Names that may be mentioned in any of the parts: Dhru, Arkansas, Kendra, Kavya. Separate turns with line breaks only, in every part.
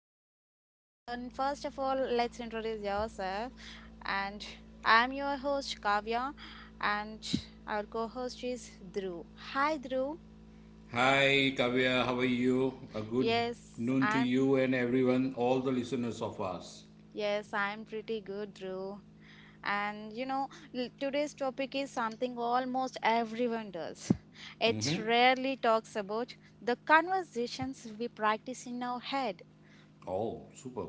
in our minds. And first of all, let's introduce yourself. And I'm your host Kavya, and our co host is Dhru. Hi, Dhru.
Hi, Kavya. How are you? A good
Yes,
noon to
I'm
you and everyone, all the listeners of us.
Yes, I'm pretty good, Drew. And you know, today's topic is something almost everyone does. It rarely talks about the conversations we practice in our head.
Oh, super.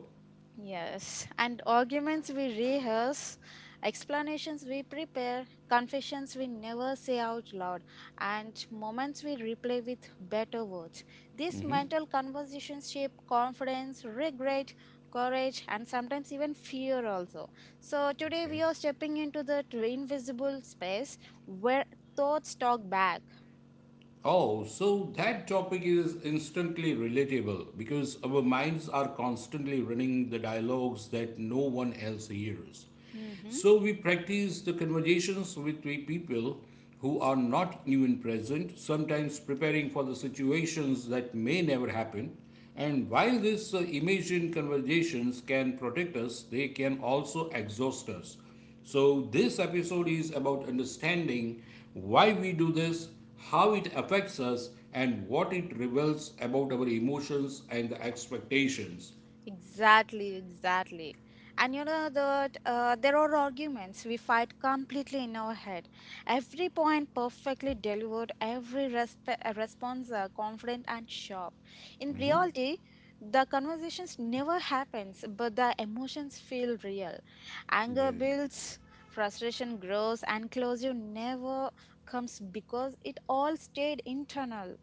Yes, and arguments we rehearse, explanations we prepare, confessions we never say out loud, and moments we replay with better words. These mental conversations shape confidence, regret, courage, and sometimes even fear also. So, today
Okay.
we are stepping into the invisible space where thoughts talk back.
Oh, so that topic is instantly relatable because our minds are constantly running the dialogues that no one else hears.
Mhm.
So we practice the conversations with the people who are not even present, sometimes preparing for the situations that may never happen. And while these imagined conversations can protect us, they can also exhaust us. So this episode is about understanding why we do this, how it affects us, and what it reveals about our emotions and the expectations.
Exactly, exactly. And you know that there are arguments we fight completely in our head. Every point perfectly delivered, every response confident and sharp. In reality, the conversations never happens, but the emotions feel real. Anger
Yeah,
builds, frustration grows, and closure never comes because it all stayed internal,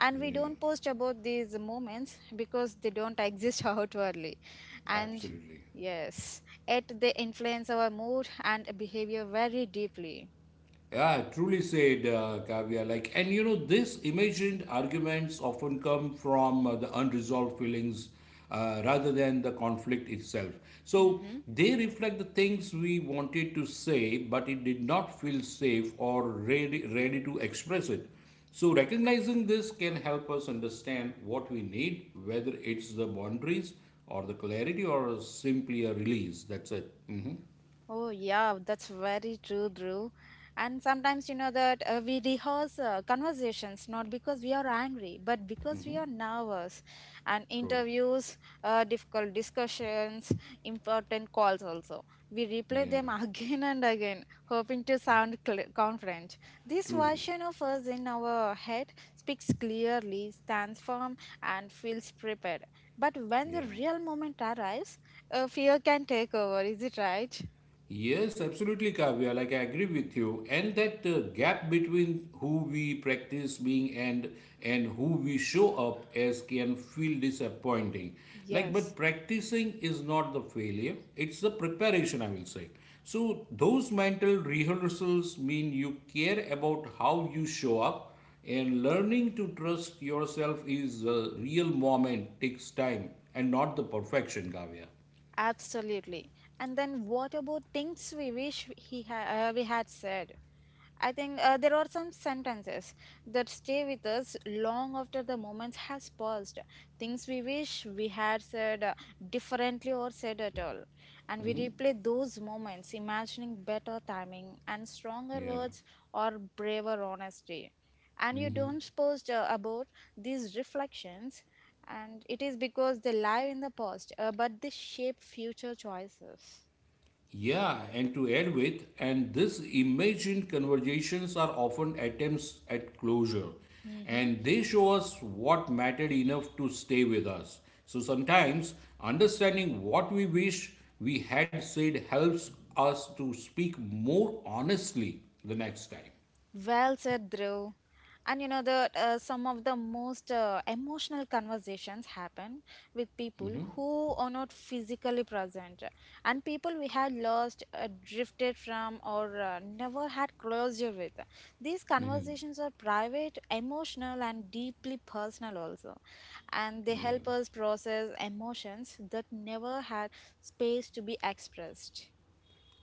and we
yeah.
don't post about these moments because they don't exist outwardly and
Absolutely.
yes yet they influence our mood and behavior very deeply.
Yeah, truly said, Kavya. Like, and these imagined arguments often come from the unresolved feelings rather than the conflict itself. So
Hmm.
they reflect the things we wanted to say, but it did not feel safe or ready to express it. So recognizing this can help us understand what we need, whether it's the boundaries or the clarity or simply a release. That's it.
Oh, yeah, that's very true, Drew. And sometimes you know that we rehearse conversations not because we are angry, but because we are nervous. And
True.
interviews, difficult discussions, important calls also. We replay
Yeah.
them again and again, hoping to sound confident. This
True.
version of us in our head speaks clearly, stands firm, and feels prepared. But when the
Yeah.
real moment arrives, fear can take over. Is it right?
Yes, absolutely, Kavya. Like, I agree with you. And that gap between who we practice being and who we show up as can feel disappointing. Like, but
Yes,
practicing is not the failure, it's the preparation, I will say. So,
mm,
those mental rehearsals mean you care about how you show up, and learning to trust yourself is a real moment, takes time, and not the perfection, Kavya.
absolutely. And then what about things we wish we had said? I think there are some sentences that stay with us long after the moment has passed. Things we wish we had said differently or said at all. And we replay those moments, imagining better timing and stronger
Yeah.
words or braver honesty. And you don't post about these reflections, and it is because they live in the past, but they shape future choices.
Yeah, and to add with, and these imagined conversations are often attempts at closure,
Hmm.
and they show us what mattered enough to stay with us. So sometimes understanding what we wish we had said helps us to speak more honestly the next time.
Well said, Drew. And you know that some of the most emotional conversations happen with people who are not physically present, and people we had lost, drifted from, or never had closure with. These conversations are private, emotional, and deeply personal also, and they
Yeah.
help us process emotions that never had space to be expressed.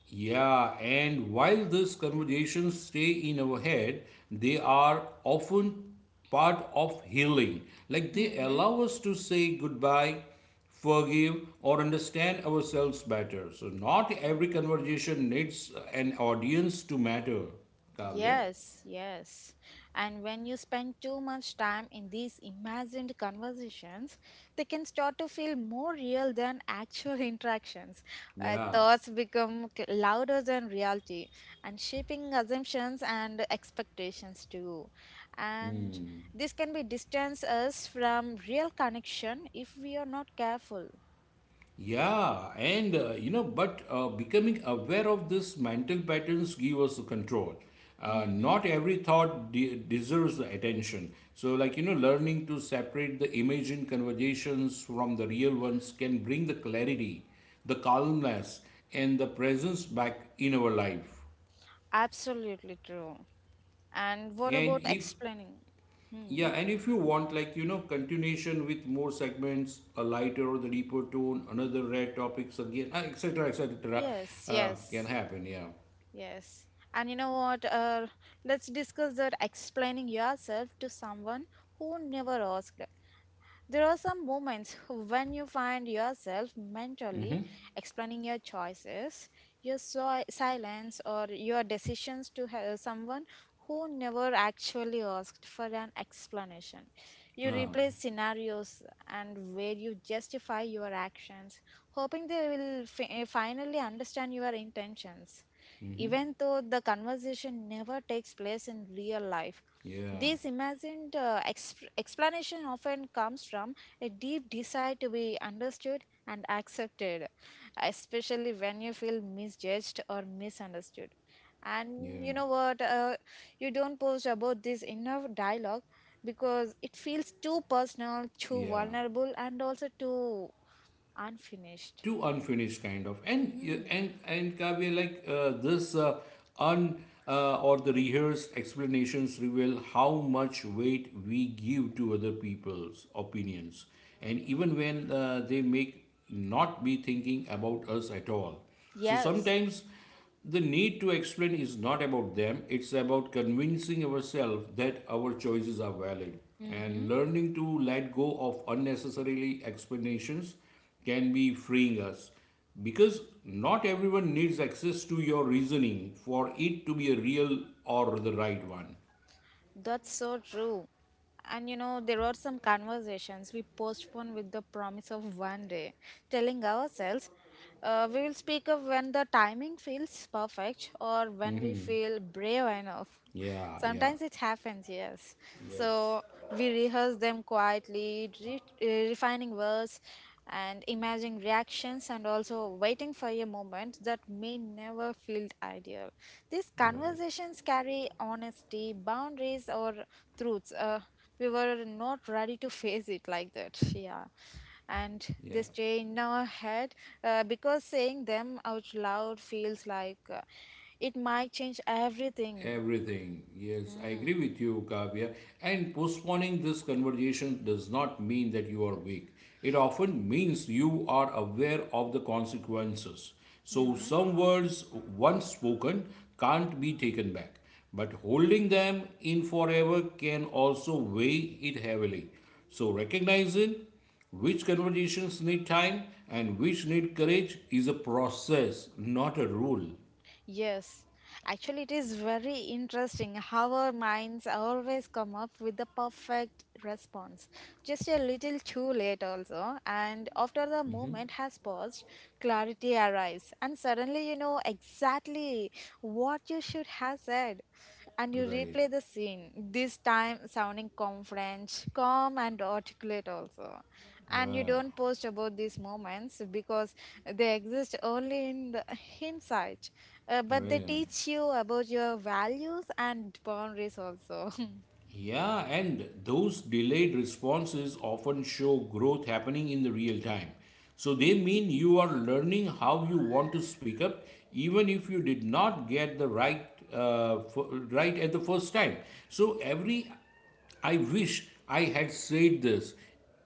Yeah, and while these conversations stay in our head, they are often part of healing. Like they
Mhm.
allow us to say goodbye, forgive, or understand ourselves better. So, not every conversation needs an audience to matter, Kavya.
Yes, yes. And when you spend too much time in these imagined conversations, they can start to feel more real than actual interactions.
Yeah.
Thoughts become louder than reality, and shaping assumptions and expectations too. And this can be distance us from real connection if we are not careful.
Yeah, and but becoming aware of this mental patterns give us the control.
Hmm.
Not every thought deserves the attention. So, like learning to separate the imagined conversations from the real ones can bring the clarity, the calmness, and the presence back in our life.
Absolutely true. And what
And
about
if
explaining?
Yeah,
Hmm.
and if you want, like, continuation with more segments, a lighter or the deeper tone, another red topics again, etc., etc.,
Yes,
can
yes.
happen. Yeah.
Yes. And you know what? Let's discuss that explaining yourself to someone who never asked. There are some moments when you find yourself mentally explaining your choices, your silence, or your decisions to someone who never actually asked for an explanation. You
Uh,
replay scenarios and where you justify your actions, hoping they will finally understand your intentions, even though the conversation never takes place in real life.
yeah.
This imagined explanation often comes from a deep desire to be understood and accepted, especially when you feel misjudged or misunderstood. And you
Yeah.
know what? You don't post about this inner dialogue because it feels too personal, too
Yeah.
vulnerable, and also too unfinished.
Too unfinished kind of, and
Hmm.
and and Kavya, like this un or the rehearsed explanations reveal how much weight we give to other people's opinions, and even when they may not be thinking about us at all. So
Yes.
sometimes the need to explain is not about them, it's about convincing ourselves that our choices are valid,
Mm-hmm.
and learning to let go of unnecessarily explanations can be freeing us, because not everyone needs access to your reasoning for it to be a real or the right one.
That's so true. And you know, there are some conversations we postpone with the promise of one day, telling ourselves we will speak up when the timing feels perfect or when we feel brave enough.
Yeah, yeah.
Sometimes it happens, yes.
Yes.
So we rehearse them quietly, refining words and imagining reactions, and also waiting for a moment that may never feel ideal. These
Right.
conversations carry honesty, boundaries, or truths. We were not ready to face it like that, yeah, and they
Yeah.
stay in our head because saying them out loud feels like it might change everything.
Everything. Yes, I agree
Mm.
with you, Kavya. And postponing this conversation does not mean that you are weak. It often means you are aware of the consequences. So,
Mm-hmm.
some words once spoken can't be taken back, but holding them in forever can also weigh it heavily. So, recognizing which conversations need time and which need courage is a process, not a rule.
Yes, actually, it is very interesting how our minds always come up with the perfect response, just a little too late, also. And after the moment has passed, clarity arrives, and suddenly you know exactly what you should have said, and you
Right.
replay the scene, this time sounding confident, calm, and articulate also. And you
Right.
don't post about these moments because they exist only in the hindsight, but they
Right.
teach you about your values and boundaries also.
Yeah, and those delayed responses often show growth happening in the real time. So they mean you are learning how you want to speak up, even if you did not get the right right at the first time. So every I wish I had said this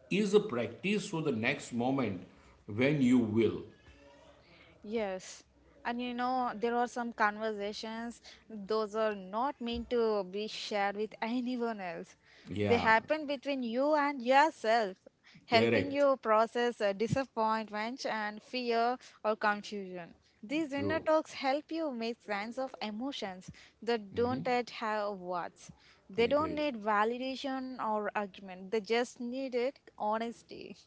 is a practice for the next moment when you will.
Yes. And you know, there are some conversations, those are not meant to be shared with anyone else. They
Yeah,
happen between you and yourself, helping
correct.
you process disappointment and fear or confusion. These inner
True.
talks help you make sense of emotions that don't yet have words. They
Yeah,
don't
great.
need validation or argument, they just needed honesty.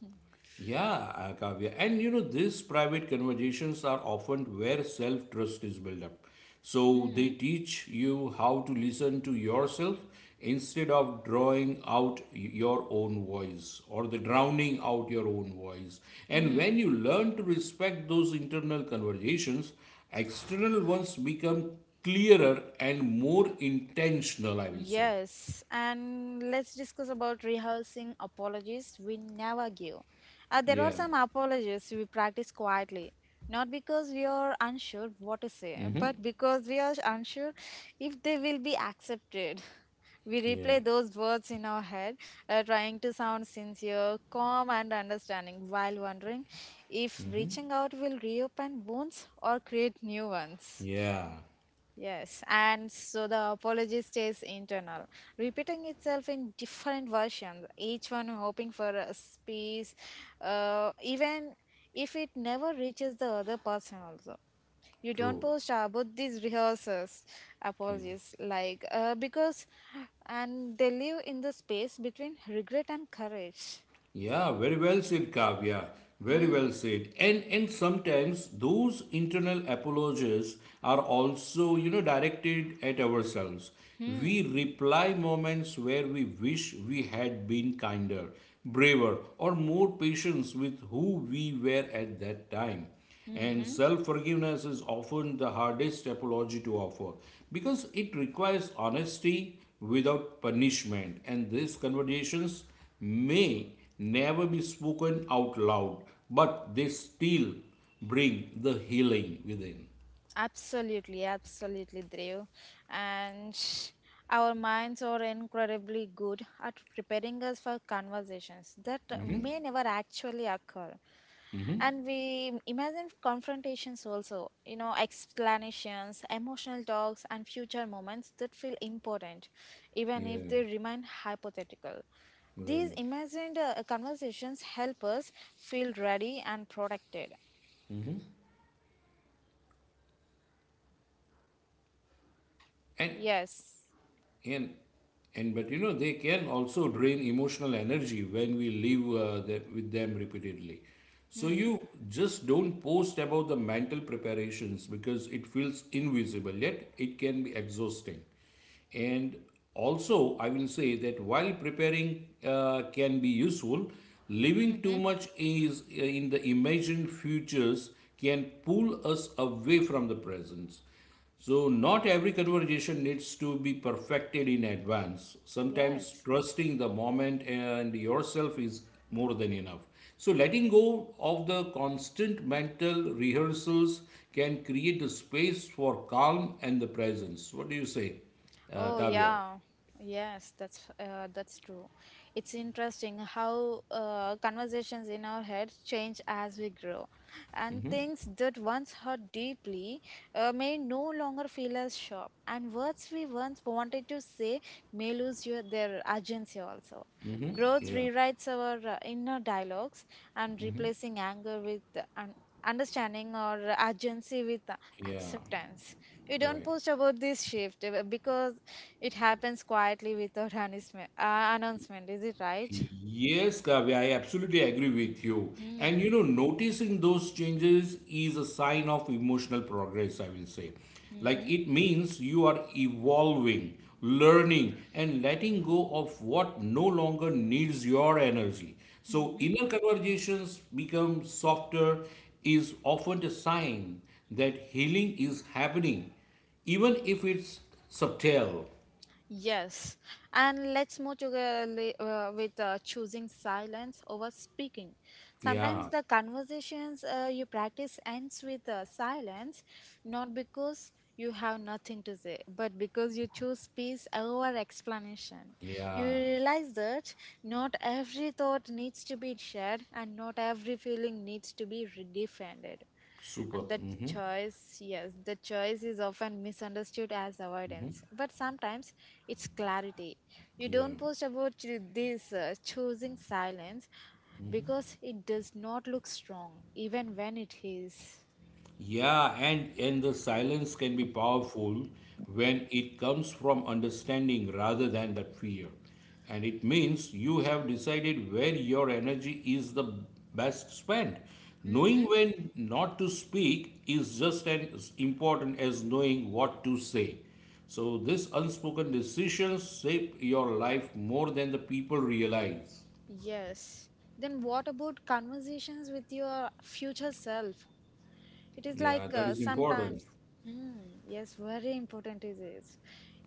Yeah, Kavya. And these private conversations are often where self trust is built up. So they teach you how to listen to yourself instead of drawing out your own voice or the drowning out your own voice. And when
Hmm.
you learn to respect those internal conversations, external ones become clearer and more intentional, I will say.
Yes, and let's discuss about rehearsing apologies we never give. There are
Yeah,
some apologies we practice quietly, not because we are unsure what to say, but because we are unsure if they will be accepted. We
yeah,
replay those words in our head, trying to sound sincere, calm, and understanding, while wondering if reaching out will reopen wounds or create new ones.
yeah,
Yes, and so the apology stays internal, repeating itself in different versions, each one hoping for a space, even if it never reaches the other person also. You don't
true.
post about these rehearsals,
Yeah.
apologies, like, because, and they live in the space between regret and courage.
Yeah, very well said, Kavya. Very well
Hmm,
said. And sometimes those internal apologies are also, directed at ourselves. We
hmm,
reply moments where we wish we had been kinder, braver, or more patient with who we were at that time. And
hmm,
self forgiveness is often the hardest apology to offer because it requires honesty without punishment. And these conversations may never be spoken out loud, but they still bring the healing within.
Absolutely, absolutely, Drew. And our minds are incredibly good at preparing us for conversations that
Mhm.
may never actually occur. And we imagine confrontations also, you know, explanations, emotional talks, and future moments that feel important, even
Yeah,
if they remain hypothetical. These
right.
imagined conversations help us feel ready and protected.
And
Yes.
and and but they can also drain emotional energy when we live that with them repeatedly, so you
Hmm.
just don't post about the mental preparations because it feels invisible yet it can be exhausting. And also, I will say that while preparing can be useful, living too
Mm-hmm.
much is in the imagined futures can pull us away from the presence. So, not every conversation needs to be perfected in advance. Sometimes
Yes.
trusting the moment and yourself is more than enough. So, letting go of the constant mental rehearsals can create a space for calm and the presence. What do you say,
Oh
Kavya?
yeah, yes, that's true. It's interesting how conversations in our heads change as we grow, and things that once hurt deeply may no longer feel as sharp, and words we once wanted to say may lose their urgency also. Growth
Yeah,
rewrites our inner dialogues, and replacing anger with understanding or urgency with
yeah,
acceptance. You don't
right.
post about this shift because it happens quietly without announcement. Announcement, is it right?
Yes, Kavya, I absolutely agree with you. And
Mm.
noticing those changes is a sign of emotional progress, I will say. Like
Mm-hmm.
it means you are evolving, learning, and letting go of what no longer needs your energy. So
Mm-hmm.
inner conversations become softer is often a sign that healing is happening, even if it's subtle.
Yes. And let's move together with choosing silence over speaking. Sometimes
Yeah,
the conversations you practice ends with silence, not because you have nothing to say, but because you choose peace over explanation. You
yeah,
realize that not every thought needs to be shared and not every feeling needs to be defended.
super.
And the
Mhm.
choice, yes, the choice is often misunderstood as avoidance, but sometimes it's clarity. You
Yeah.
don't post about ch- this choosing silence because it does not look strong, even when it is.
Yeah, and the silence can be powerful when it comes from understanding rather than that fear. And it means you have decided where your energy is the best spent. Knowing
Mm-hmm.
when not to speak is just as important as knowing what to say. So this unspoken decisions shape your life more than the people realize.
Yes. Then what about conversations with your future self? It is
Yeah,
like
that is important.
sometimes, hmm, Yes, very important it is.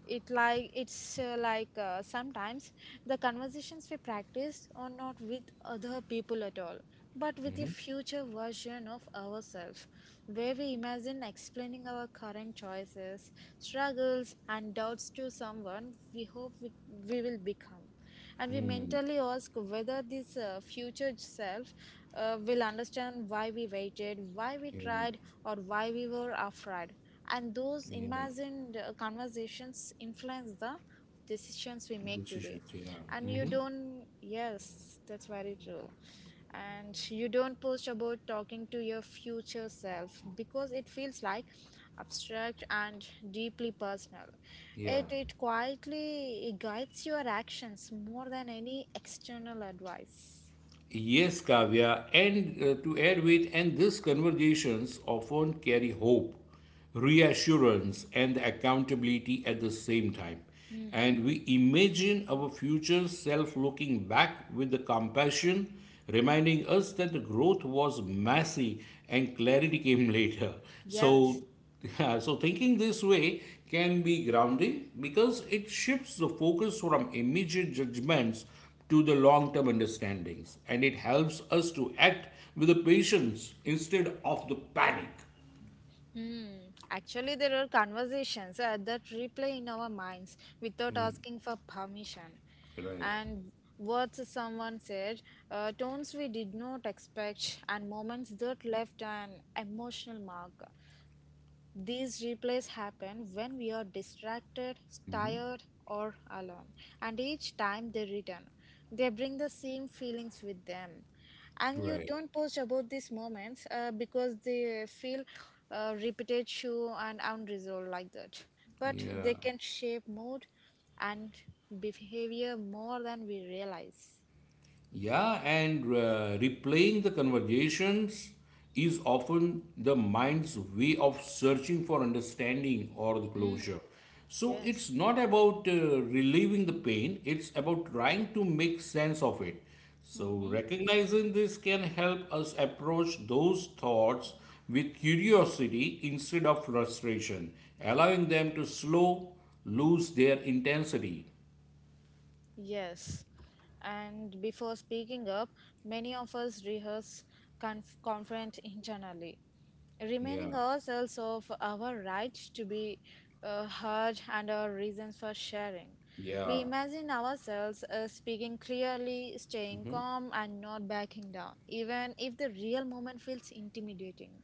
It like it's like Sometimes the conversations we practice are not with other people at all, but with a future version of ourselves, where we imagine explaining our current choices, struggles, and doubts to someone we hope we will become, and we mentally ask whether this future self will understand why we waited, why we
Yeah,
tried, or why we were afraid. And those
yeah,
imagined conversations influence the decisions we make today.
decisions.
And
Yeah,
you don't, Yes, that's very true, and you don't post about talking to your future self because it feels like abstract and deeply personal.
yeah.
It quietly guides your actions more than any external advice.
Yes, Kavya. And to add with, and these conversations often carry hope, reassurance, and accountability at the same time.
Mm-hmm.
And we imagine our future self looking back with the compassion, reminding us that the growth was messy and clarity came later. So,
Yes.
yeah, so thinking this way can be grounding because it shifts the focus from immediate judgments to the long term understandings, and it helps us to act with the patience instead of the panic.
Hmm. Actually, there are conversations that replay in our minds without asking for permission.
Right,
And words someone said, tones we did not expect, and moments that left an emotional mark. These replays happen when we are distracted, tired, or alone, and each time they return, they bring the same feelings with them. And you
right.
don't post about these moments because they feel repetitive and unresolved like that. But they
Yeah.
can shape mood and behavior more than we realize.
Yeah, and replaying the conversations is often the mind's way of searching for understanding or the
Hmm.
closure. So
Yes.
it's not about relieving the pain, it's about trying to make sense of it. So
Mm-hmm.
recognizing this can help us approach those thoughts with curiosity instead of frustration, allowing them to slow, lose their intensity.
Yes. And before speaking up, many of us rehearse confront internally, remaining
Yeah,
ourselves of our right to be heard and our reasons for sharing.
yeah,
We imagine ourselves speaking clearly, staying calm, and not backing down, even if the real moment feels intimidating,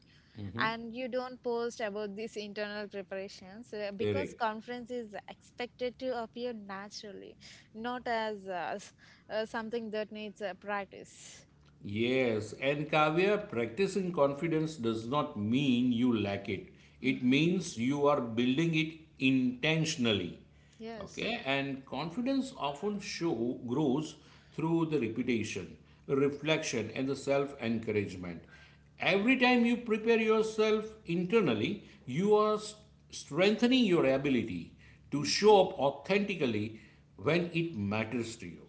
and you don't post about these internal preparations because
correct.
conference is expected to appear naturally, not as something that needs practice.
Yes, and Kavya, practicing confidence does not mean you lack it. It
Hmm.
means you are building it intentionally.
Yes.
Okay, and confidence often show grows through the repetition, reflection, and the self-encouragement. Every time you prepare yourself internally, you are strengthening your ability to
Mm-hmm.
show up authentically when it matters to you.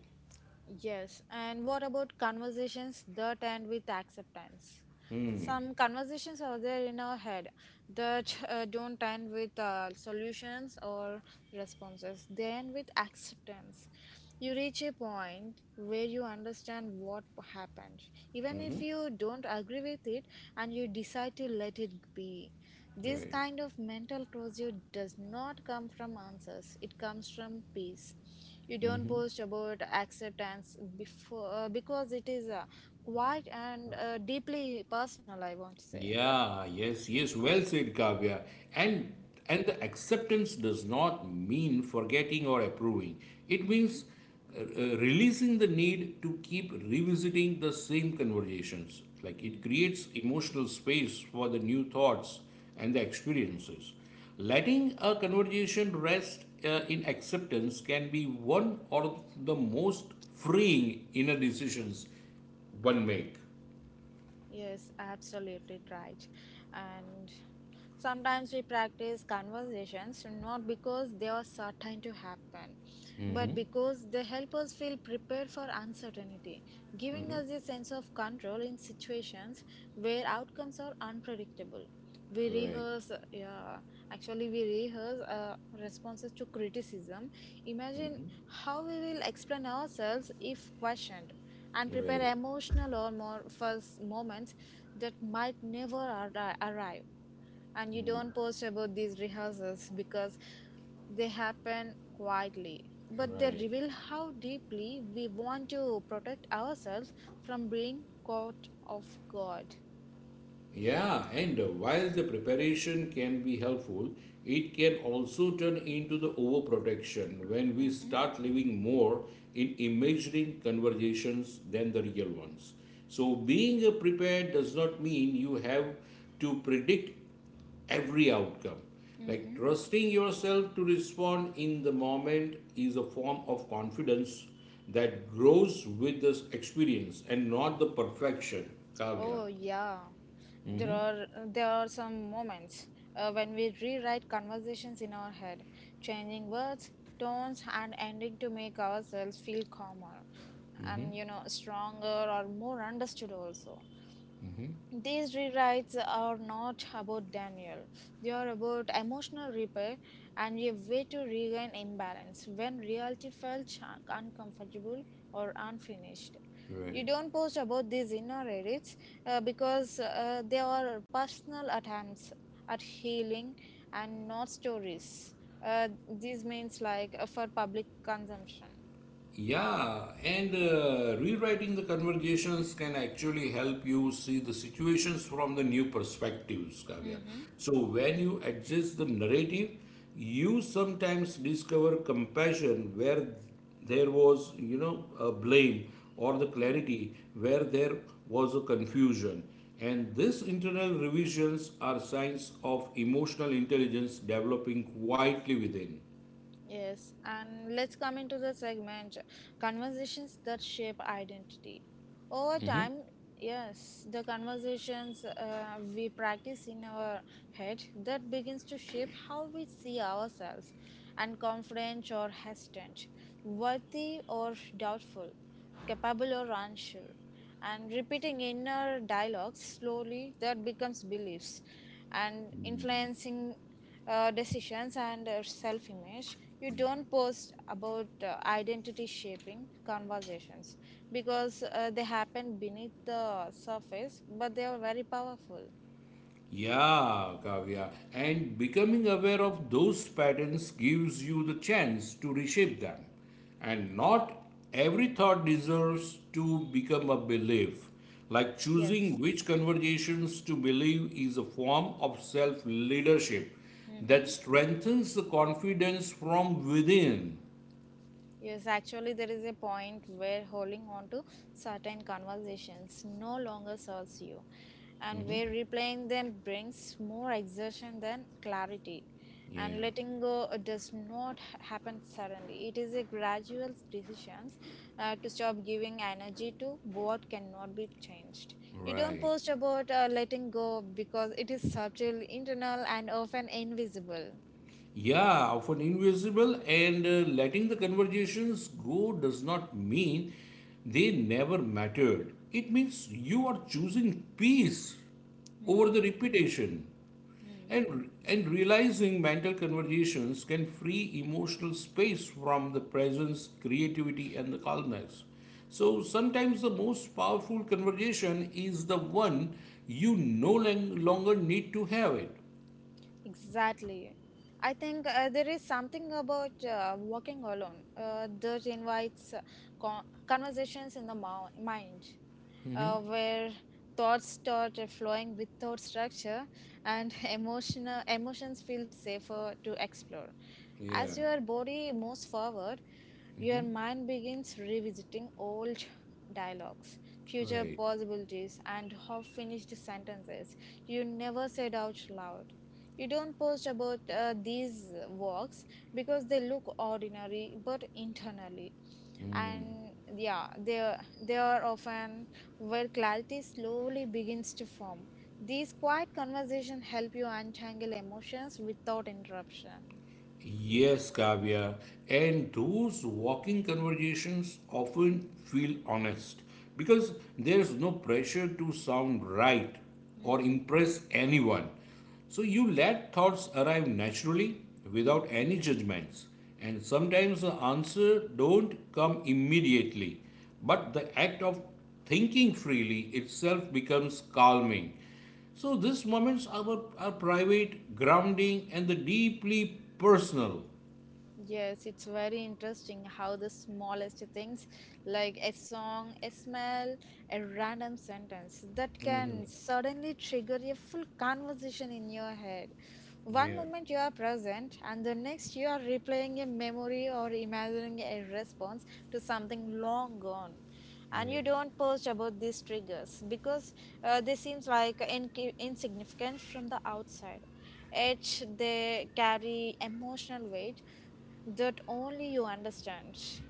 Yes, and what about conversations that end with acceptance? Some conversations are there in our head that don't end with solutions or responses. They end with acceptance. You reach a point where you understand what happened, even if you don't agree with it, and you decide to let it be. This
Right.
kind of mental closure does not come from answers, it comes from peace. You don't post about acceptance before, because it is quite and deeply personal, I want to say.
Yeah, yes, yes, well said, Kavya. And
Hmm.
and the acceptance does not mean forgetting or approving. It means
Mm-hmm.
releasing the need to keep revisiting the same conversations. Like it
Mm-hmm.
creates emotional space for the new thoughts and the experiences. Letting a conversation rest in acceptance can be one of the most freeing inner decisions one make.
Yes, absolutely right. And sometimes we practice conversations not because they are certain to happen, but because they help us feel prepared for uncertainty, giving us a sense of control in situations where outcomes are unpredictable. We
Right,
rehearse, yeah, actually, we rehearse responses to criticism. Imagine how we will explain ourselves if questioned and prepare
right.
emotional or more first moments that might never arrive, and you don't post about these rehearsals because they happen quietly, but they
Right.
reveal how deeply we want to protect ourselves from being caught off guard.
Yeah, and while the preparation can be helpful, it can also turn into the overprotection when we
Mm-hmm.
start living more in imagining conversations than the real ones. So, being prepared does not mean you have to predict every outcome. Like
Mm-hmm.
trusting yourself to respond in the moment is a form of confidence that grows with this experience and not the perfection. Kavya.
Oh yeah, there are some moments when we rewrite conversations in our head, changing words, tones, and ending to make ourselves feel calmer,
Mm-hmm.
and you know stronger or more understood also.
Mm-hmm.
These rewrites are not about Daniel. They are about emotional repair and a way to regain imbalance when reality felt uncomfortable or unfinished. You
Right.
don't post about these inner edits because they are personal attempts at healing and not stories. These means like for public consumption.
Yeah, and rewriting the conversations can actually help you see the situations from the new perspectives, Kavya.
Mm-hmm.
So when you adjust the narrative, you sometimes discover compassion where there was, a blame or the clarity where there was a confusion. And these internal revisions are signs of emotional intelligence developing quietly within.
Yes, and let's come into the segment conversations that shape identity. Over time, yes, the conversations we practice in our head that begins to shape how we see ourselves and confident or hesitant, worthy or doubtful, capable or unsure. And repeating inner dialogues slowly that becomes beliefs and influencing decisions and self image. You don't post about identity shaping conversations because they happen beneath the surface, but they are very powerful.
Yeah, Kavya. And becoming aware of those patterns gives you the chance to reshape them. And not every thought deserves to become a belief. Like choosing
Yes.
which conversations to believe is a form of self leadership
Mm-hmm.
that strengthens the confidence from within.
Yes, actually, there is a point where holding on to certain conversations no longer serves you, and where replaying them brings more exertion than clarity.
Yeah,
And letting go does not happen suddenly. It is a gradual decision to stop giving energy to what cannot be changed. You don't
right.
post about letting go because it is subtle, internal, and often invisible.
Yeah, often invisible, and letting the conversations go does not mean they never mattered. It means you are choosing peace over the
Hmm.
repetition,
Hmm.
and realizing mental conversations can free emotional space from the presence, creativity, and the calmness. So sometimes the most powerful conversation is the one you no lang- longer need to have it.
Exactly. I think there is something about walking alone that invites conversations in the mind, where thoughts start flowing without structure and emotional emotions feel safer to explore.
Yeah.
As your body moves forward, your
Hmm.
mind begins revisiting old dialogues, future
Right.
possibilities, and half finished sentences you never said out loud. You don't post about these walks because they look ordinary, but internally,
Mm,
and yeah, they are often where clarity slowly begins to form. These quiet conversations help you untangle emotions without interruption.
yes, Kavya, and those walking conversations often feel honest because there's no pressure to sound right or
Mm-hmm.
impress anyone. So you let thoughts arrive naturally without
Mm-hmm.
any judgments, and sometimes the answer don't come immediately, but the act of thinking freely itself becomes calming. So these moments are private, grounding, and the deeply personal.
Yes, it's very interesting how the smallest things, like a song, a smell, a random sentence, that can suddenly trigger a full conversation in your head. One
Yeah,
moment you are present, and the next you are replaying a memory or imagining a response to something long gone.
you're
And
right.
you don't post about these triggers because they seem like insignificant from the outside. Yet they carry emotional weight that only you understand.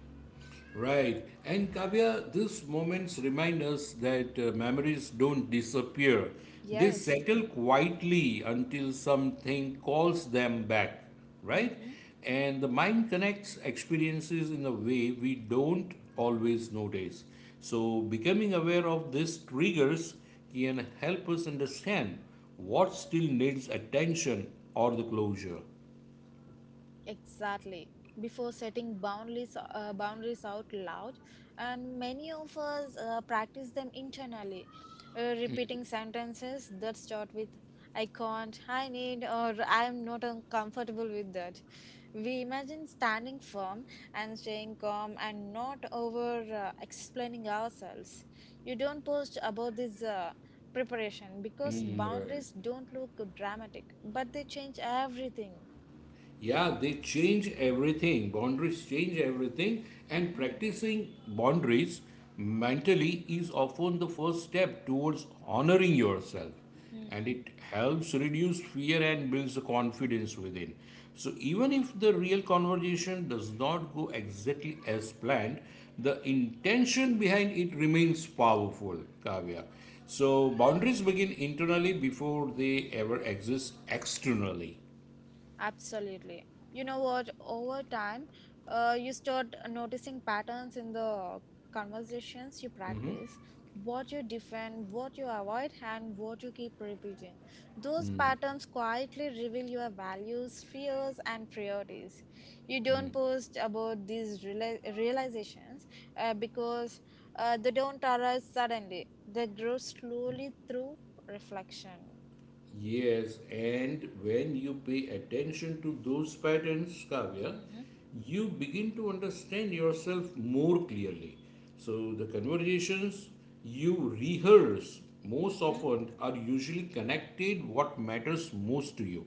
Right. And Kavya, these moments remind us that memories don't disappear. They
Yes.
settle quietly until something calls them back, right?
Hmm.
And the mind connects experiences in a way we don't always notice. So, becoming aware of these triggers can help us understand what still needs attention or the closure.
Exactly. Before setting boundaries, out loud, and many of us practice them internally, repeating sentences that start with "I can't," "I need," or "I am not comfortable with that." We imagine standing firm and staying calm and not over explaining ourselves. You don't post about this preparation because
Mm, right.
boundaries don't look dramatic, but they change everything.
Yeah, they change everything. Boundaries change everything, and
Hmm.
practicing boundaries mentally is often the first step towards honoring yourself. And
Mm-hmm.
it helps reduce fear and builds the confidence within. So, even if the real conversation does not go exactly as planned, the intention behind it remains powerful, Kavya. So, boundaries begin internally before they ever exist externally.
Absolutely. You know what? Over time, you start noticing patterns in the conversations you practice, what you defend, what you avoid, and what you keep repeating. Those patterns quietly reveal your values, fears, and priorities. You don't post about these realizations because they don't arise suddenly, they grow slowly through reflection.
Yes, and when you pay attention to those patterns, Kavya,
Mm-hmm.
you begin to understand yourself more clearly. So, the conversations you rehearse most
Mm-hmm.
often are usually connected what matters most to you.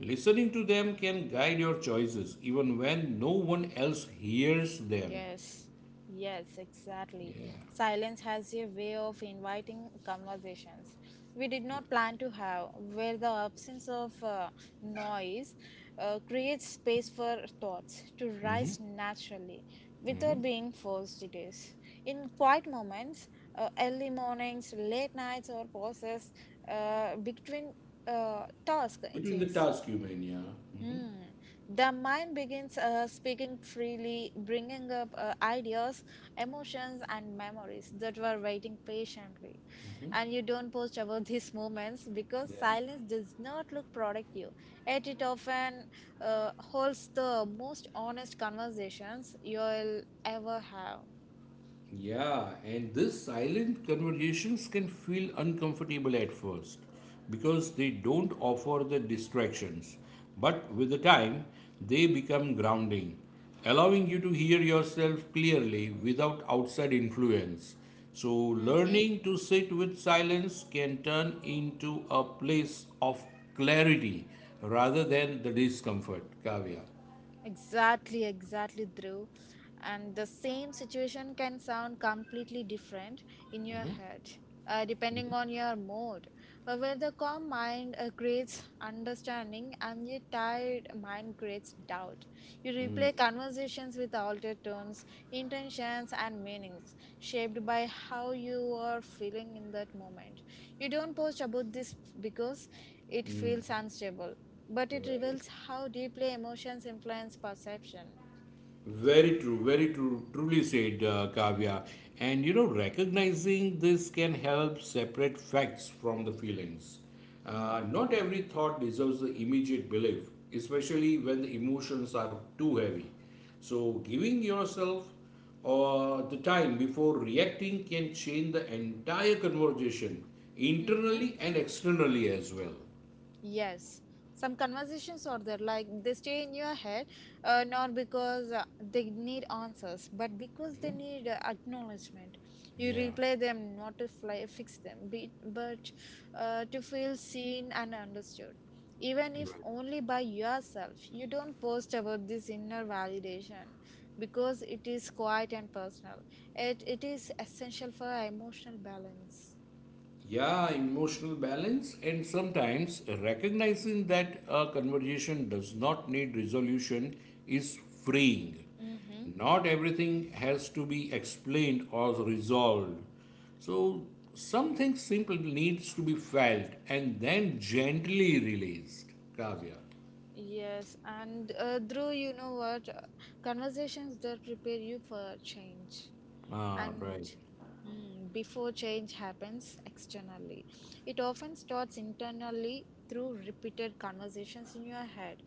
Listening to them can guide your choices even when no one else hears them.
Yes, yes, exactly.
Yeah.
Silence has a way of inviting conversations we did not plan to have, where the absence of noise creates space for thoughts to
Hmm.
rise naturally without being forced. It is in quiet moments, early mornings, late nights, or pauses between tasks. It
Between the
is.
task you mean, yeah.
Hmm. The mind begins speaking freely, bringing up ideas, emotions, and memories that were waiting patiently.
Hmm.
And you don't post about these moments because
Yeah.
silence does not look productive. Yet it often holds the most honest conversations you'll ever have.
Yeah, and these silent conversations can feel uncomfortable at first because they don't offer the distractions. But with the time, they become grounding, allowing you to hear yourself clearly without outside influence. So,
Mhm.
learning to sit with silence can turn into a place of clarity rather than the discomfort, Kavya.
Exactly, exactly, Dhruv. And the same situation can sound completely different in your head, depending on your mood. Where the calm mind creates understanding and the tired mind creates doubt. You replay conversations with altered tones, intentions, and meanings, shaped by how you are feeling in that moment. You don't post about this because it feels unstable, but it
Right.
reveals how deeply emotions influence perception.
Very true, truly said, Kavya.
Mm-hmm.
And you know, recognizing this can help separate facts from the feelings. Not every thought deserves the immediate belief, especially when the emotions are too heavy. So, giving yourself the time before reacting can change the entire conversation, internally and externally as well.
Yes, some conversations are there, like they stay in your head, not because they need answers, but because they need acknowledgement. You
Yeah.
replay them not to fly, fix them, be, but to feel seen and understood. Even if only by yourself, you don't post about this inner validation because it is quiet and personal. It is essential for emotional balance.
Yeah, emotional balance, and sometimes recognizing that a conversation does not need resolution is freeing.
Mhm.
Not everything has to be explained or resolved. So, something simple needs to be felt and then gently released, Kavya.
Yes, and Dhruv, you know what? Conversations that prepare you for change
Ah,
and
right.
mm, before change happens externally. It often starts internally through repeated conversations in your head,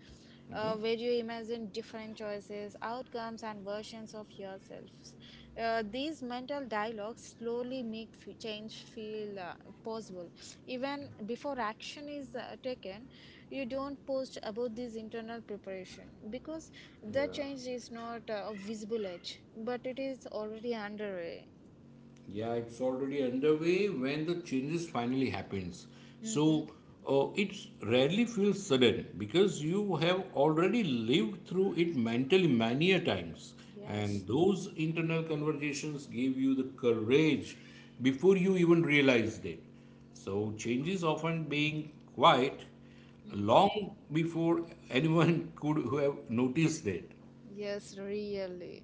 where you imagine different choices, outcomes, and versions of yourselves. These mental dialogues slowly make change feel possible even before action is taken. You don't post about this internal preparation because the change is not a visible edge, but it is already underway.
Yeah, it's already underway when the changes finally happens. So
Mm-hmm.
it rarely feels sudden because you have already lived through it mentally many a times,
Yes.
and those internal conversations give you the courage before you even realized it. So changes often being quiet
Mm-hmm.
long before anyone could have noticed it.
Yes, really.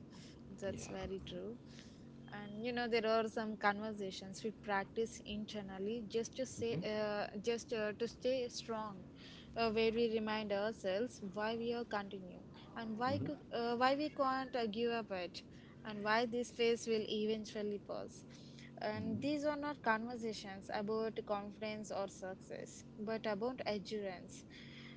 That's
Yeah.
very true. And you know, there are some conversations we practice internally just to say, just to stay strong, where we remind ourselves why we are continuing and why could, why we can't give up it, and why this phase will eventually pass. And these are not conversations about confidence or success, but about endurance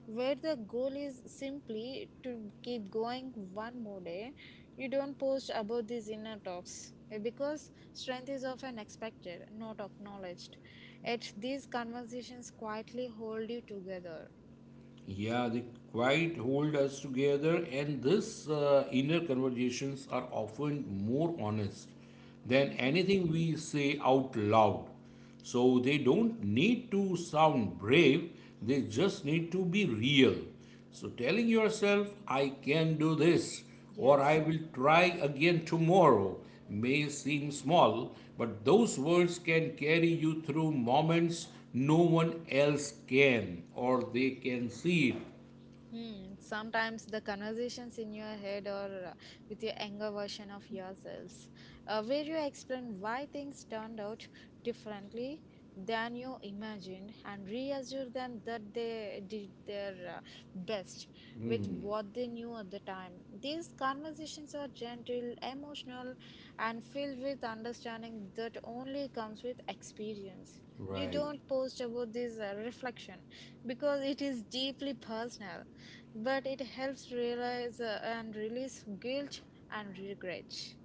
where the goal is simply to keep going one more day. You don't post about these inner talks eh, because strength is often expected, not acknowledged. Yet these conversations quietly hold you together.
Yeah, they quite hold us together, and this inner conversations are often more honest than
Hmm.
anything we say out loud. So they don't need to sound brave, they just need to be real. So telling yourself, I can do this, or I
Yes.
will try again tomorrow, may seem small, but those words can carry you through moments no one else can, or they can see it.
Hmm. Sometimes the conversations in your head or with your younger version of yourselves, where you explain why things turned out differently than you imagined and reassure them that they did their best with what they knew at the time. These conversations are gentle, emotional, and filled with understanding that only comes with experience. You don't
Right.
post about this reflection because it is deeply personal, but it helps realize and release guilt and regret.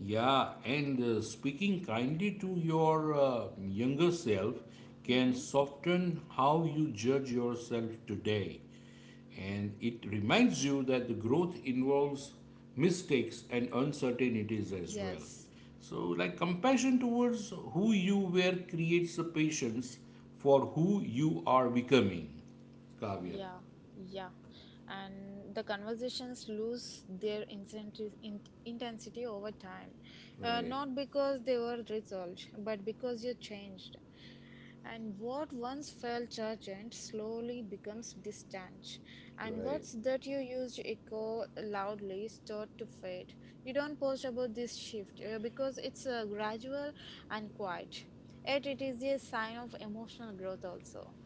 Yeah, and speaking kindly to your younger self can
Mm-hmm.
soften how you judge yourself today. And it reminds you that the growth involves mistakes and uncertainties as well.
Yes.
So, like compassion towards who you were creates a patience for who you are becoming, Kavya.
Yeah, yeah. And the conversations lose their intensity over time.
Right,
Not because they were resolved, but because you changed. And what once felt urgent slowly becomes distant, and
right.
words that you used to echo loudly start to fade. You don't post about this shift because it's gradual and quiet. Yet it is a sign of emotional growth also.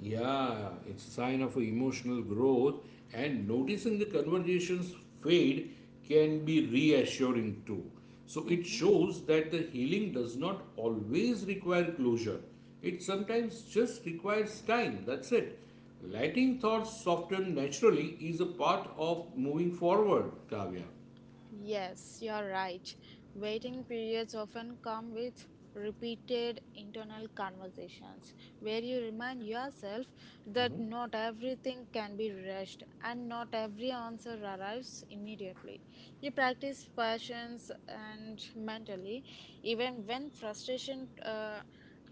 Yeah, it's sign of emotional growth and
Mhm.
noticing the conversations fade can be reassuring too. So it
Mhm.
shows that the healing does not always require closure. It sometimes just requires time. That's it. Letting thoughts soften naturally is a part of moving forward, Kavya.
Yes, you're right. Waiting periods often come with repeated internal conversations where you remind yourself that not everything can be rushed and not every answer arrives immediately. You practice patience and mentally, even when frustration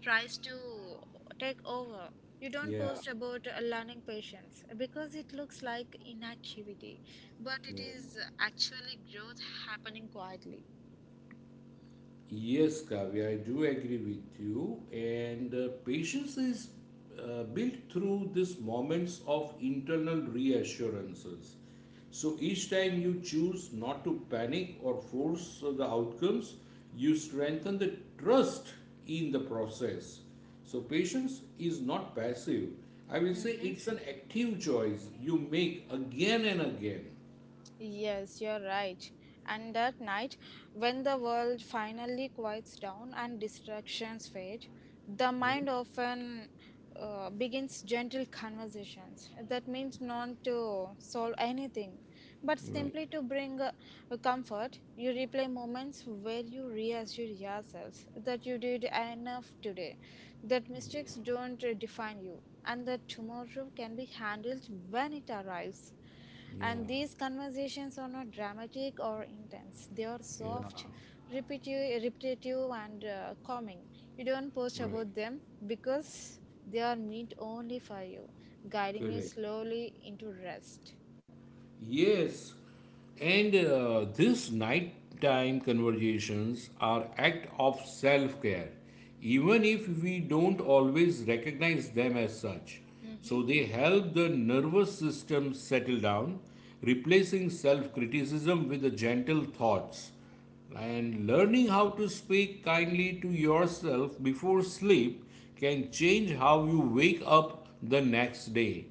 tries to take over. You don't
Yeah,
post about learning patience because it looks like inactivity, but it
yeah.
is actually growth happening quietly.
Yes, Kavya, I do agree with you. And patience is built through these moments of internal reassurances. So each time you choose not to panic or force the outcomes, you strengthen the trust in the process. So patience is not passive. I will say
Mhm.
it's an active choice you make again and again.
Yes, you're right. And that night, when the world finally quiets down and distractions fade, the mind
Mhm.
often begins gentle conversations. That means not to solve anything, but
Right.
simply to bring comfort. You replay moments where you reassure yourself that you did enough today, that mistakes don't define you, and that tomorrow can be handled when it arrives,
Yeah.
and these conversations are not dramatic or intense. They are
Yeah.
soft, repetitive and calming. You don't post
Right.
about them because they are meant only for you, guiding you
Correct.
slowly into rest.
Yes, and these nighttime conversations are act of self-care, even if we don't always recognize them as such. So they help the nervous system settle down, replacing self-criticism with the gentle thoughts. And
Mm-hmm.
learning how to speak kindly to yourself before sleep can change how you wake up the next day.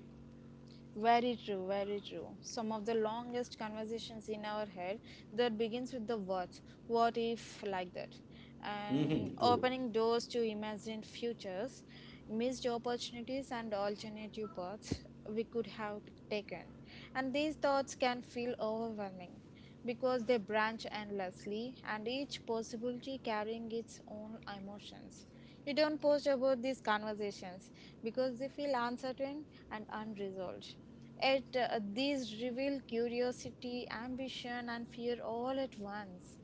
Very true, very true. Some of the longest conversations in our head that begins with the words, what if, like that, and
Mm-hmm, true.
opening doors to imagined futures, missed opportunities, and alternative paths we could have taken. And these thoughts can feel overwhelming because they branch endlessly and each possibility carrying its own emotions. You don't post about these conversations because they feel uncertain and unresolved. Yet these reveal curiosity, ambition, and fear all at once.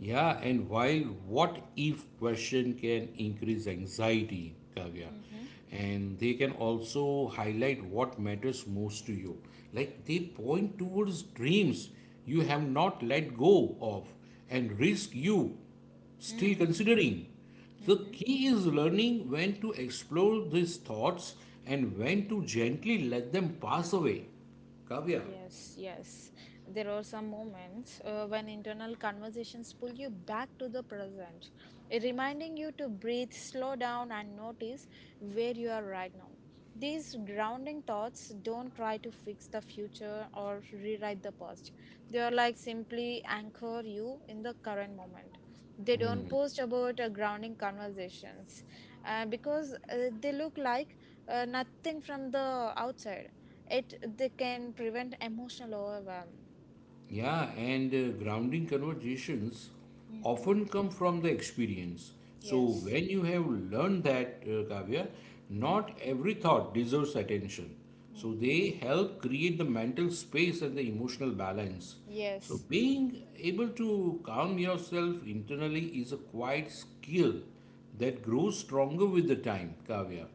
Yeah, and while what if question can increase anxiety, Kavya,
Mm-hmm.
and they can also highlight what matters most to you. Like they point towards dreams you have not let go of and risk you still
Mm-hmm.
considering. The
Mm-hmm.
key is learning when to explore these thoughts and when to gently let them pass away, Kavya.
Yes, yes. There are some moments when internal conversations pull you back to the present, reminding you to breathe, slow down, and notice where you are right now. These grounding thoughts don't try to fix the future or rewrite the past. They are like simply anchor you in the current moment. They don't post about grounding conversations because they look like nothing from the outside it they can prevent emotional overwhelm.
Yeah, and grounding conversations
Mm-hmm.
often come from the experience. So
Yes.
when you have learned that, Kavya, not every thought deserves attention. So
Mm-hmm.
they help create the mental space and the emotional balance. So
Yes,
being able to calm yourself internally is a quiet skill that grows stronger with the time, Kavya.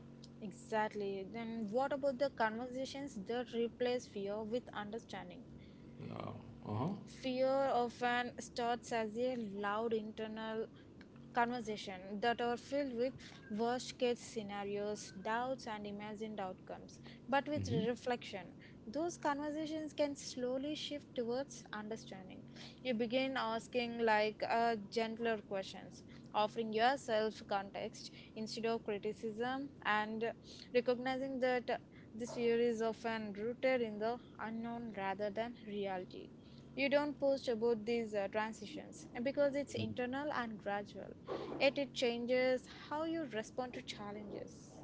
exactly. Then what about the conversations that replace fear with understanding?
Yeah. Uh-huh.
Fear often starts as a loud internal conversation that are filled with worst case scenarios, doubts, and imagined outcomes. But with reflection, those conversations can slowly shift towards understanding. You begin asking like gentler questions, offering yourself context instead of criticism, and recognizing that this fear is often rooted in the unknown rather than reality. You don't post about these transitions because it's internal and gradual. It changes how you respond to challenges.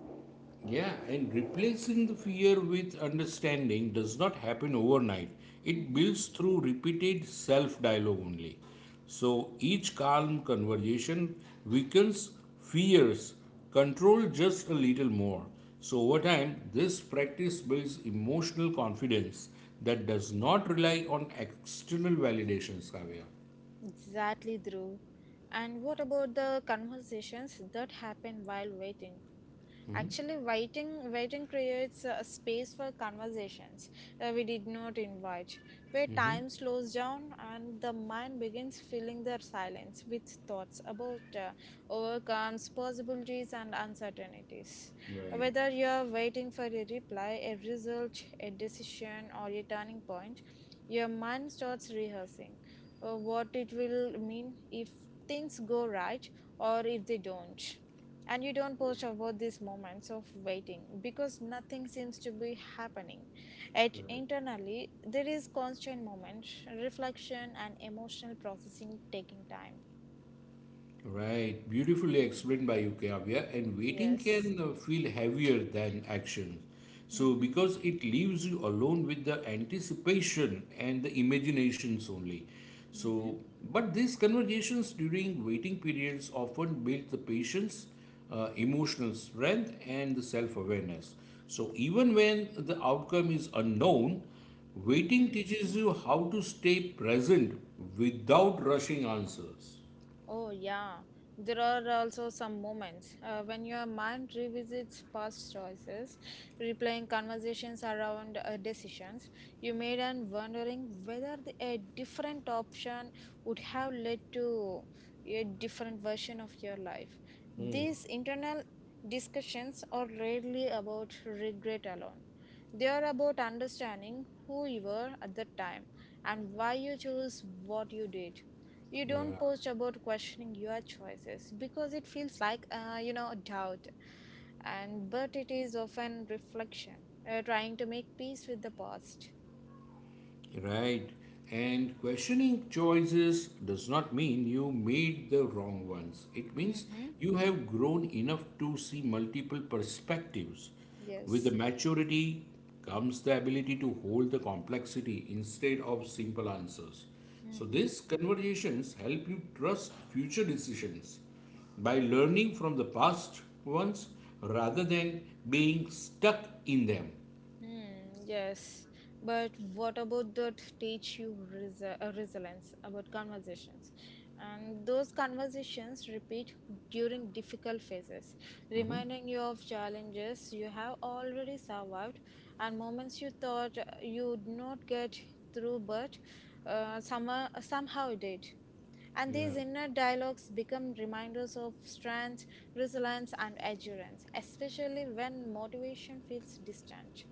Yeah, and replacing the fear with understanding does not happen overnight. It
Mm-hmm.
builds through repeated self dialogue only. So each calm conversation weakens fears, control just a little more. So over time, this practice builds emotional confidence that does not rely on external validations, Kavya.
Exactly, Dhruv. And what about the conversations that happen while waiting? Actually, writing creates a space for conversations we did not invite, where
Mm-hmm.
time slows down and the mind begins filling the silence with thoughts about overcomes, possibilities, and uncertainties.
Right,
Whether you are waiting for a reply, a result, a decision, or a turning point, your mind starts rehearsing what it will mean if things go right or if they don't, and you don't post about these moments of waiting because nothing seems to be happening. At
right.
internally there is constant moment reflection and emotional processing taking time.
Right, beautifully
Mhm.
explained by you, Kavya. And waiting
Yes.
can feel heavier than action. So,
Mm-hmm.
because it leaves you alone with the anticipation and the imaginations only.
Mm-hmm.
So, but these conversations during waiting periods often build the patience, emotional strength, and the self awareness. So, even when the outcome is unknown, waiting
Mm-hmm.
teaches you how to stay present without rushing answers.
Oh, yeah. There are also some moments when your mind revisits past choices, replaying conversations around decisions you made and wondering whether a different option would have led to a different version of your life. These internal discussions are rarely about regret alone. They are about understanding who you were at the time and why you chose what you did. You don't
Right.
post about questioning your choices because it feels like you know a doubt, and but it is often reflection trying to make peace with the past.
Right. And questioning choices does not mean you made the wrong ones. It means
Mm-hmm.
you have grown enough to see multiple perspectives. With the
Yes.
maturity comes the ability to hold the complexity instead of simple answers. So
Mhm.
these conversations help you trust future decisions by learning from the past ones rather than being stuck in them.
Hmm, yes, but what about that teach you resilience about conversations? And those conversations repeat during difficult phases,
Mhm.
reminding you of challenges you have already survived and moments you thought you would not get through, but somehow, somehow did. And
Yeah,
these inner dialogues become reminders of strength, resilience, and endurance, especially when motivation feels distant.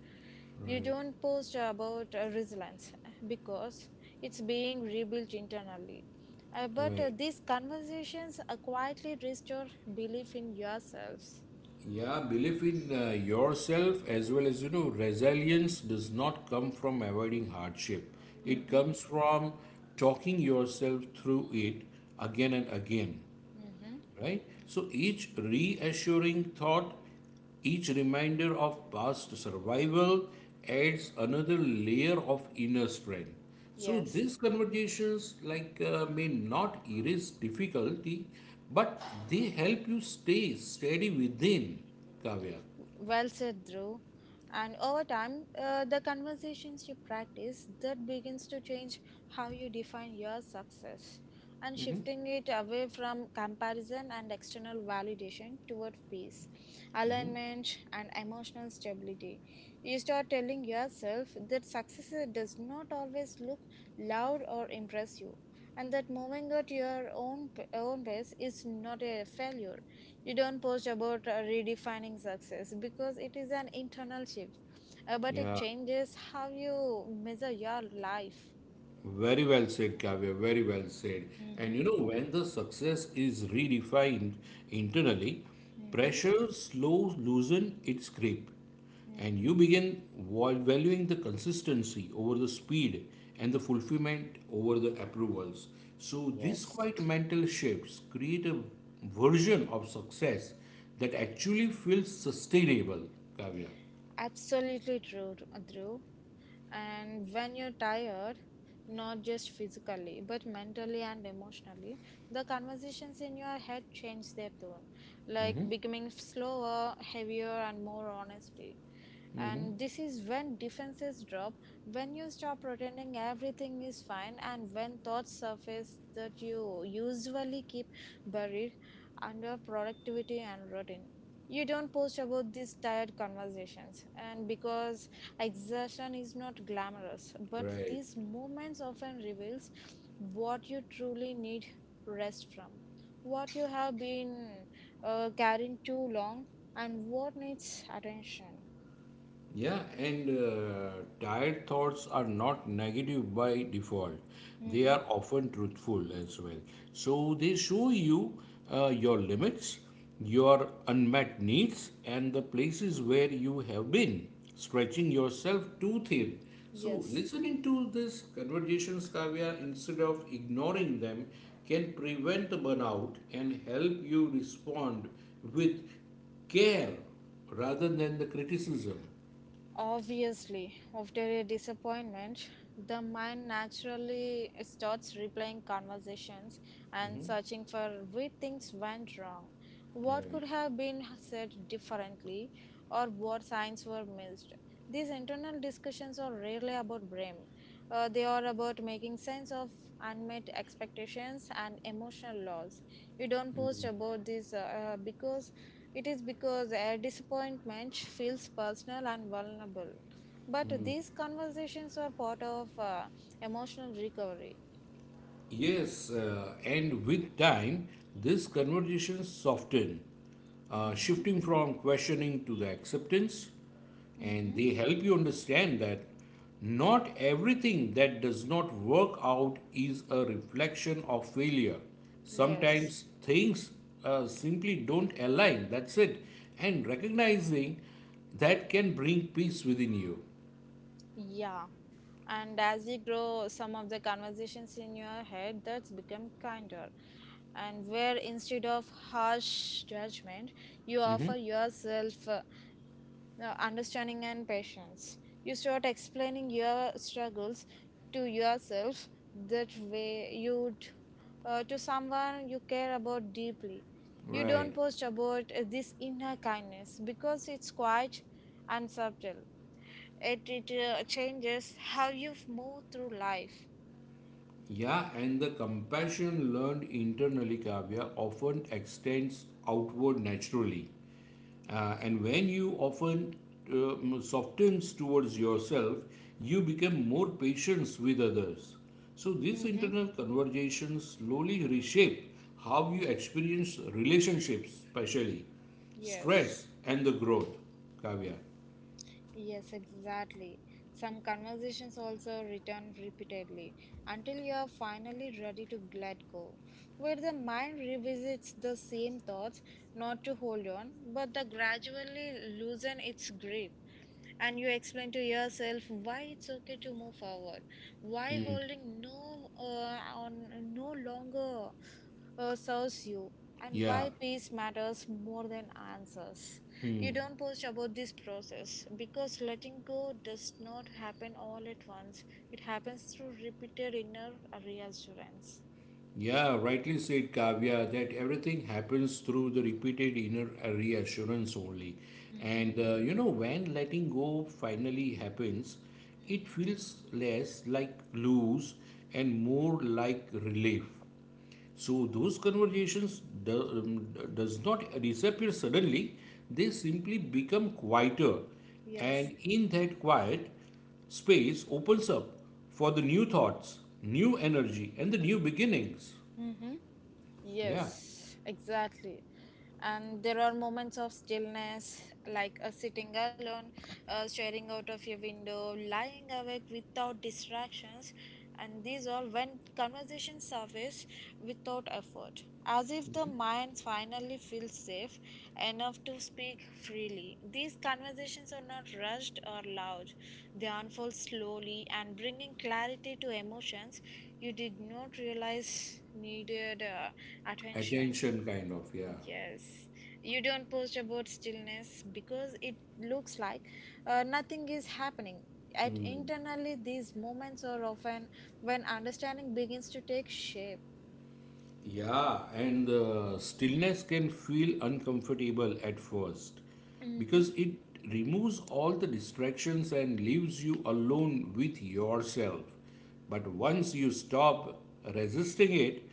You
right,
don't post about resilience because it's being rebuilt internally. But
right.
these conversations quietly restore belief in yourselves.
Yeah, belief in yourself as well as you know, resilience does not come from avoiding hardship. It
Mm-hmm.
comes from talking yourself through it again and again,
Mm-hmm.
right? So each reassuring thought, each reminder of past survival adds another layer of inner strength. So
Yes.
these conversations like may not erase difficulty, but they help you stay steady within, Kavya.
Well said, Drew. And over time, the conversations you practice that begins to change how you define your success and shifting it away from comparison and external validation toward peace, alignment, and emotional stability. You start telling yourself that success does not always look loud or impress you. And that moving at your own pace is not a failure. You don't post about redefining success because it is an internal shift. But it
Yeah.
changes how you measure your life.
Very well said, Kavya. Very well said. And
Mm-hmm.
you know, when the success is redefined internally,
Mm-hmm.
pressure slows loosen its grip, and you begin valuing the consistency over the speed and the fulfillment over the approvals. So these
Yes,
quiet mental shifts create a version of success that actually feels sustainable, Kavya.
absolutely true, Drew. And when you're tired, not just physically, but mentally and emotionally, the conversations in your head change their tone, like
Mm-hmm.
becoming slower, heavier, and more honesty.
Mm-hmm.
And this is when defenses drop, when you stop pretending everything is fine, and when thoughts surface that you usually keep buried under productivity and routine. You don't post about these tired conversations, and because exertion is not glamorous, but
Right.
these moments often reveals what you truly need rest from, what you have been carrying too long, and what needs attention.
Yeah, and tired thoughts are not negative by default. They are
Hmm.
often truthful as well. So they show you your limits, your unmet needs, and the places where you have been stretching yourself too thin. So
Yes.
listening to these conversations, Kavya, instead of ignoring them, can prevent the burnout and help you respond with care rather than the criticism.
Obviously, after a disappointment, the mind naturally starts replaying conversations and searching for where things went wrong, what
Right.
could have been said differently, or what signs were missed. These internal discussions are rarely about blame. They are about making sense of unmet expectations and emotional loss. We don't post about this because it is because a disappointment feels personal and vulnerable, but these conversations are part of emotional recovery.
Yes, and with time, this conversation soften,
Mm-hmm.
shifting from questioning to the acceptance, and
Mm-hmm.
they help you understand that not everything that does not work out is a reflection of failure.
Yes.
Sometimes things simply don't align. That's it, and recognizing that can bring peace within you.
Yeah, and as you grow some of the conversations in your head that's become kinder, and where instead of harsh judgment you offer
Hmm.
yourself no, understanding and patience. You start explaining your struggles to yourself that way to someone you care about deeply. You don't
Right.
post about this inner kindness because it's quiet and subtle. It changes how you move through life.
Yeah, and the compassion learned internally, Kavya, often extends outward naturally. And when you often softens towards yourself, you become more patient with others. So these
Mm-hmm.
internal conversations slowly reshape how you experience relationships, especially
Yes.
stress and the growth, Kavya.
Yes, exactly. Some conversations also return repeatedly until you are finally ready to let go, where the mind revisits the same thoughts, not to hold on, but the gradually loosen its grip, and you explain to yourself why it's okay to move forward, why
Hmm.
holding on no longer serves you, and
Yeah.
why peace matters more than answers. You don't post about this process because letting go does not happen all at once, it happens through repeated inner reassurance.
Yeah, rightly said Kavya that everything happens through the repeated inner reassurance only.
Mm-hmm.
And you know, when letting go finally happens, it feels less like lose and more like relief. So those conversations do, does not disappear suddenly, they simply become quieter.
Yes.
And in that quiet, space opens up for the new thoughts, new energy, and the new beginnings.
Mm-hmm.
Yeah.
Yes, exactly. And there are moments of stillness like sitting alone, staring out of your window, lying awake without distractions, and these all when conversations surface without effort, as if the
Mhm.
mind finally feels safe enough to speak freely. These conversations are not rushed or loud, they unfold slowly and bringing clarity to emotions you did not realize needed attention.
Attention, kind of. Yeah.
Yes, you don't post about stillness because it looks like nothing is happening. At
Hmm.
internally, these moments are often when understanding begins to take shape.
Yeah, and the stillness can feel uncomfortable at first
Mm-hmm.
because it removes all the distractions and leaves you alone with yourself. But once you stop resisting it,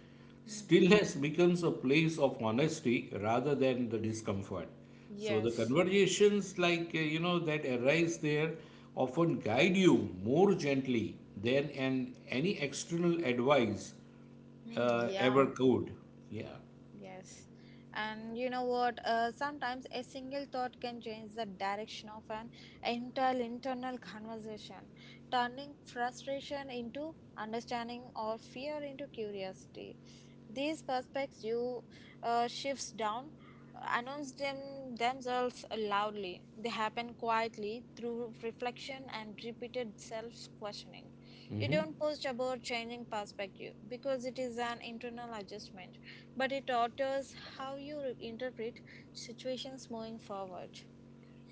Mm-hmm.
stillness becomes a place of honesty rather than the discomfort. So the
Yes.
conversations like you know that arise there often guide you more gently than an any external advice
Hmm.
ever
Yeah.
could. Yeah,
Yes. And you know what? Sometimes a single thought can change the direction of an entire internal conversation, turning frustration into understanding or fear into curiosity. These prospects you shifts down announce them themselves loudly. They happen quietly through reflection and repeated self-questioning. You don't post about changing perspective because it is an internal adjustment, but it alters how you interpret situations moving forward.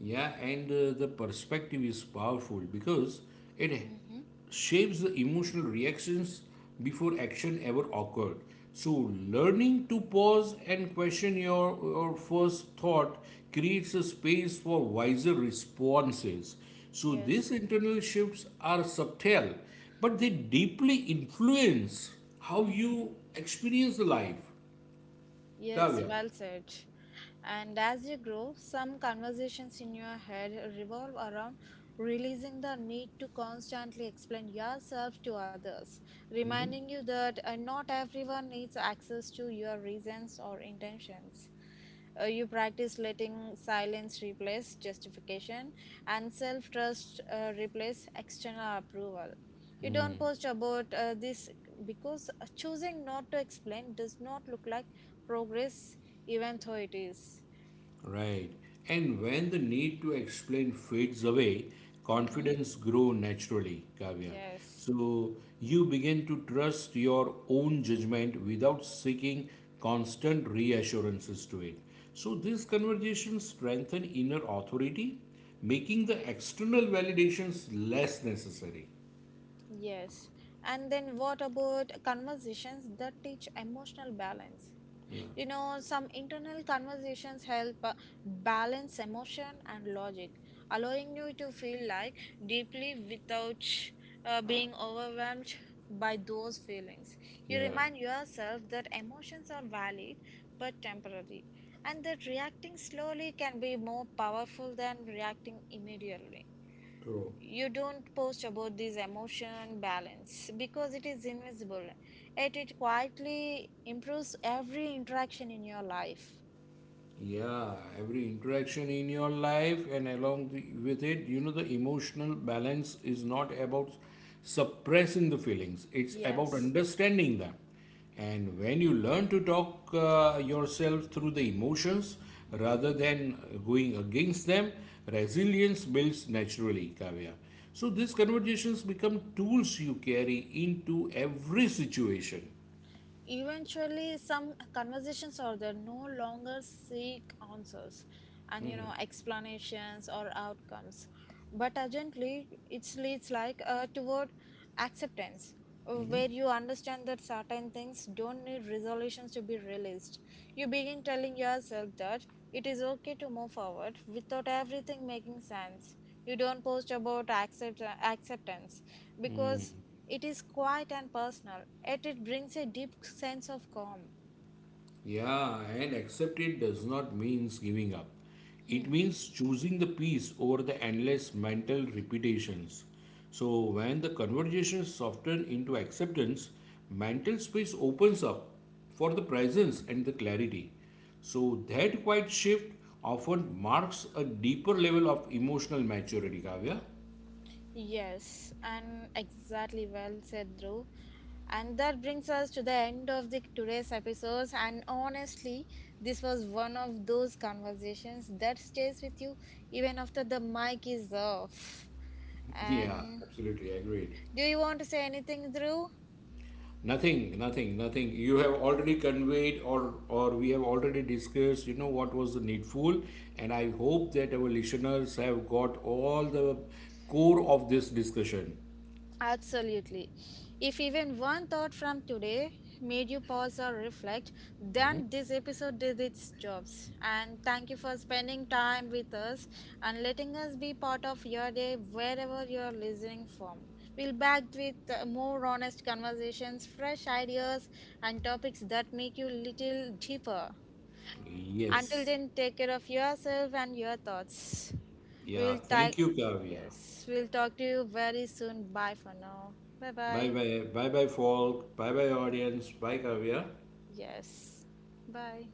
yeah, and the perspective is powerful because it
Mm-hmm.
shapes the emotional reactions before action ever occurred. So, learning to pause and question your first thought creates a space for wiser responses. So, these
Yes.
internal shifts are subtle, but they deeply influence how
Mhm.
you experience life,
Yes,
Kavya.
well said. And as you grow, some conversations in your head revolve around releasing the need to constantly explain yourself to others, reminding you that not everyone needs access to your reasons or intentions. You practice letting silence replace justification and self trust replace external approval. You don't post about this because choosing not to explain does not look like progress, even though it is.
Right. And when the need to explain fades away,
Mm-hmm.
confidence grow naturally, Kavya.
Yes.
So you begin to trust your own judgment without seeking constant reassurances to it. So these conversations strengthen inner authority, making the external validations less necessary.
Yes. And then, what about conversations that teach emotional balance?
Yeah.
You know, some internal conversations help balance emotion and logic, allowing you to feel like deeply without being overwhelmed by those feelings. You
Yeah.
remind yourself that emotions are valid but temporary, and that reacting slowly can be more powerful than reacting immediately.
True.
You don't post about this emotion balance because it is invisible, yet it quietly improves every interaction in your life.
Yeah, every interaction in your life and along the, with it, you know, the emotional balance is not about suppressing the feelings, it's about
Yes.
understanding them. And when you learn to talk yourself through the emotions
Mhm.
rather than going against them, resilience builds naturally, Kavya. So these conversations become tools you carry into every situation.
Eventually some conversations are there no longer seek answers and you know explanations or outcomes, but urgently it leads like toward acceptance, where you understand that certain things don't need resolutions to be released. You begin telling yourself that it is okay to move forward without everything making sense. You don't post about acceptance because it is quiet and personal, yet it brings a deep sense of calm.
Yeah, and accept it does not means giving up. It
Hmm.
means choosing the peace over the endless mental repetitions. So when the conversation softens into acceptance, mental space opens up for the presence and the clarity. So that quiet shift often marks a deeper level of emotional maturity, Kavya.
Yes, and exactly well said, Dhruv. And that brings us to the end of the today's episodes. And honestly, this was one of those conversations that stays with you even after the mic is off.
Yeah,
And
absolutely agreed.
do you want to say anything, Dhruv?
Nothing, nothing, nothing. You have already conveyed or we have already discussed, you know, what was the needful. And I hope that our listeners have got all the core of this discussion.
Absolutely. If even one thought from today made you pause or reflect, then this episode did its jobs. And thank you for spending time with us and letting us be part of your day wherever you are listening from. We'll back with more honest conversations, fresh ideas, and topics that make you little deeper. Until
Yes.
then, take care of yourself and your thoughts.
Yeah.
We'll talk.
Thank you, Kavya.
Yes, we'll talk to you very soon. Bye for now. Bye
Bye
bye.
bye. Bye bye, folk. Bye bye, audience. Bye, Kavya.
Yes. Bye.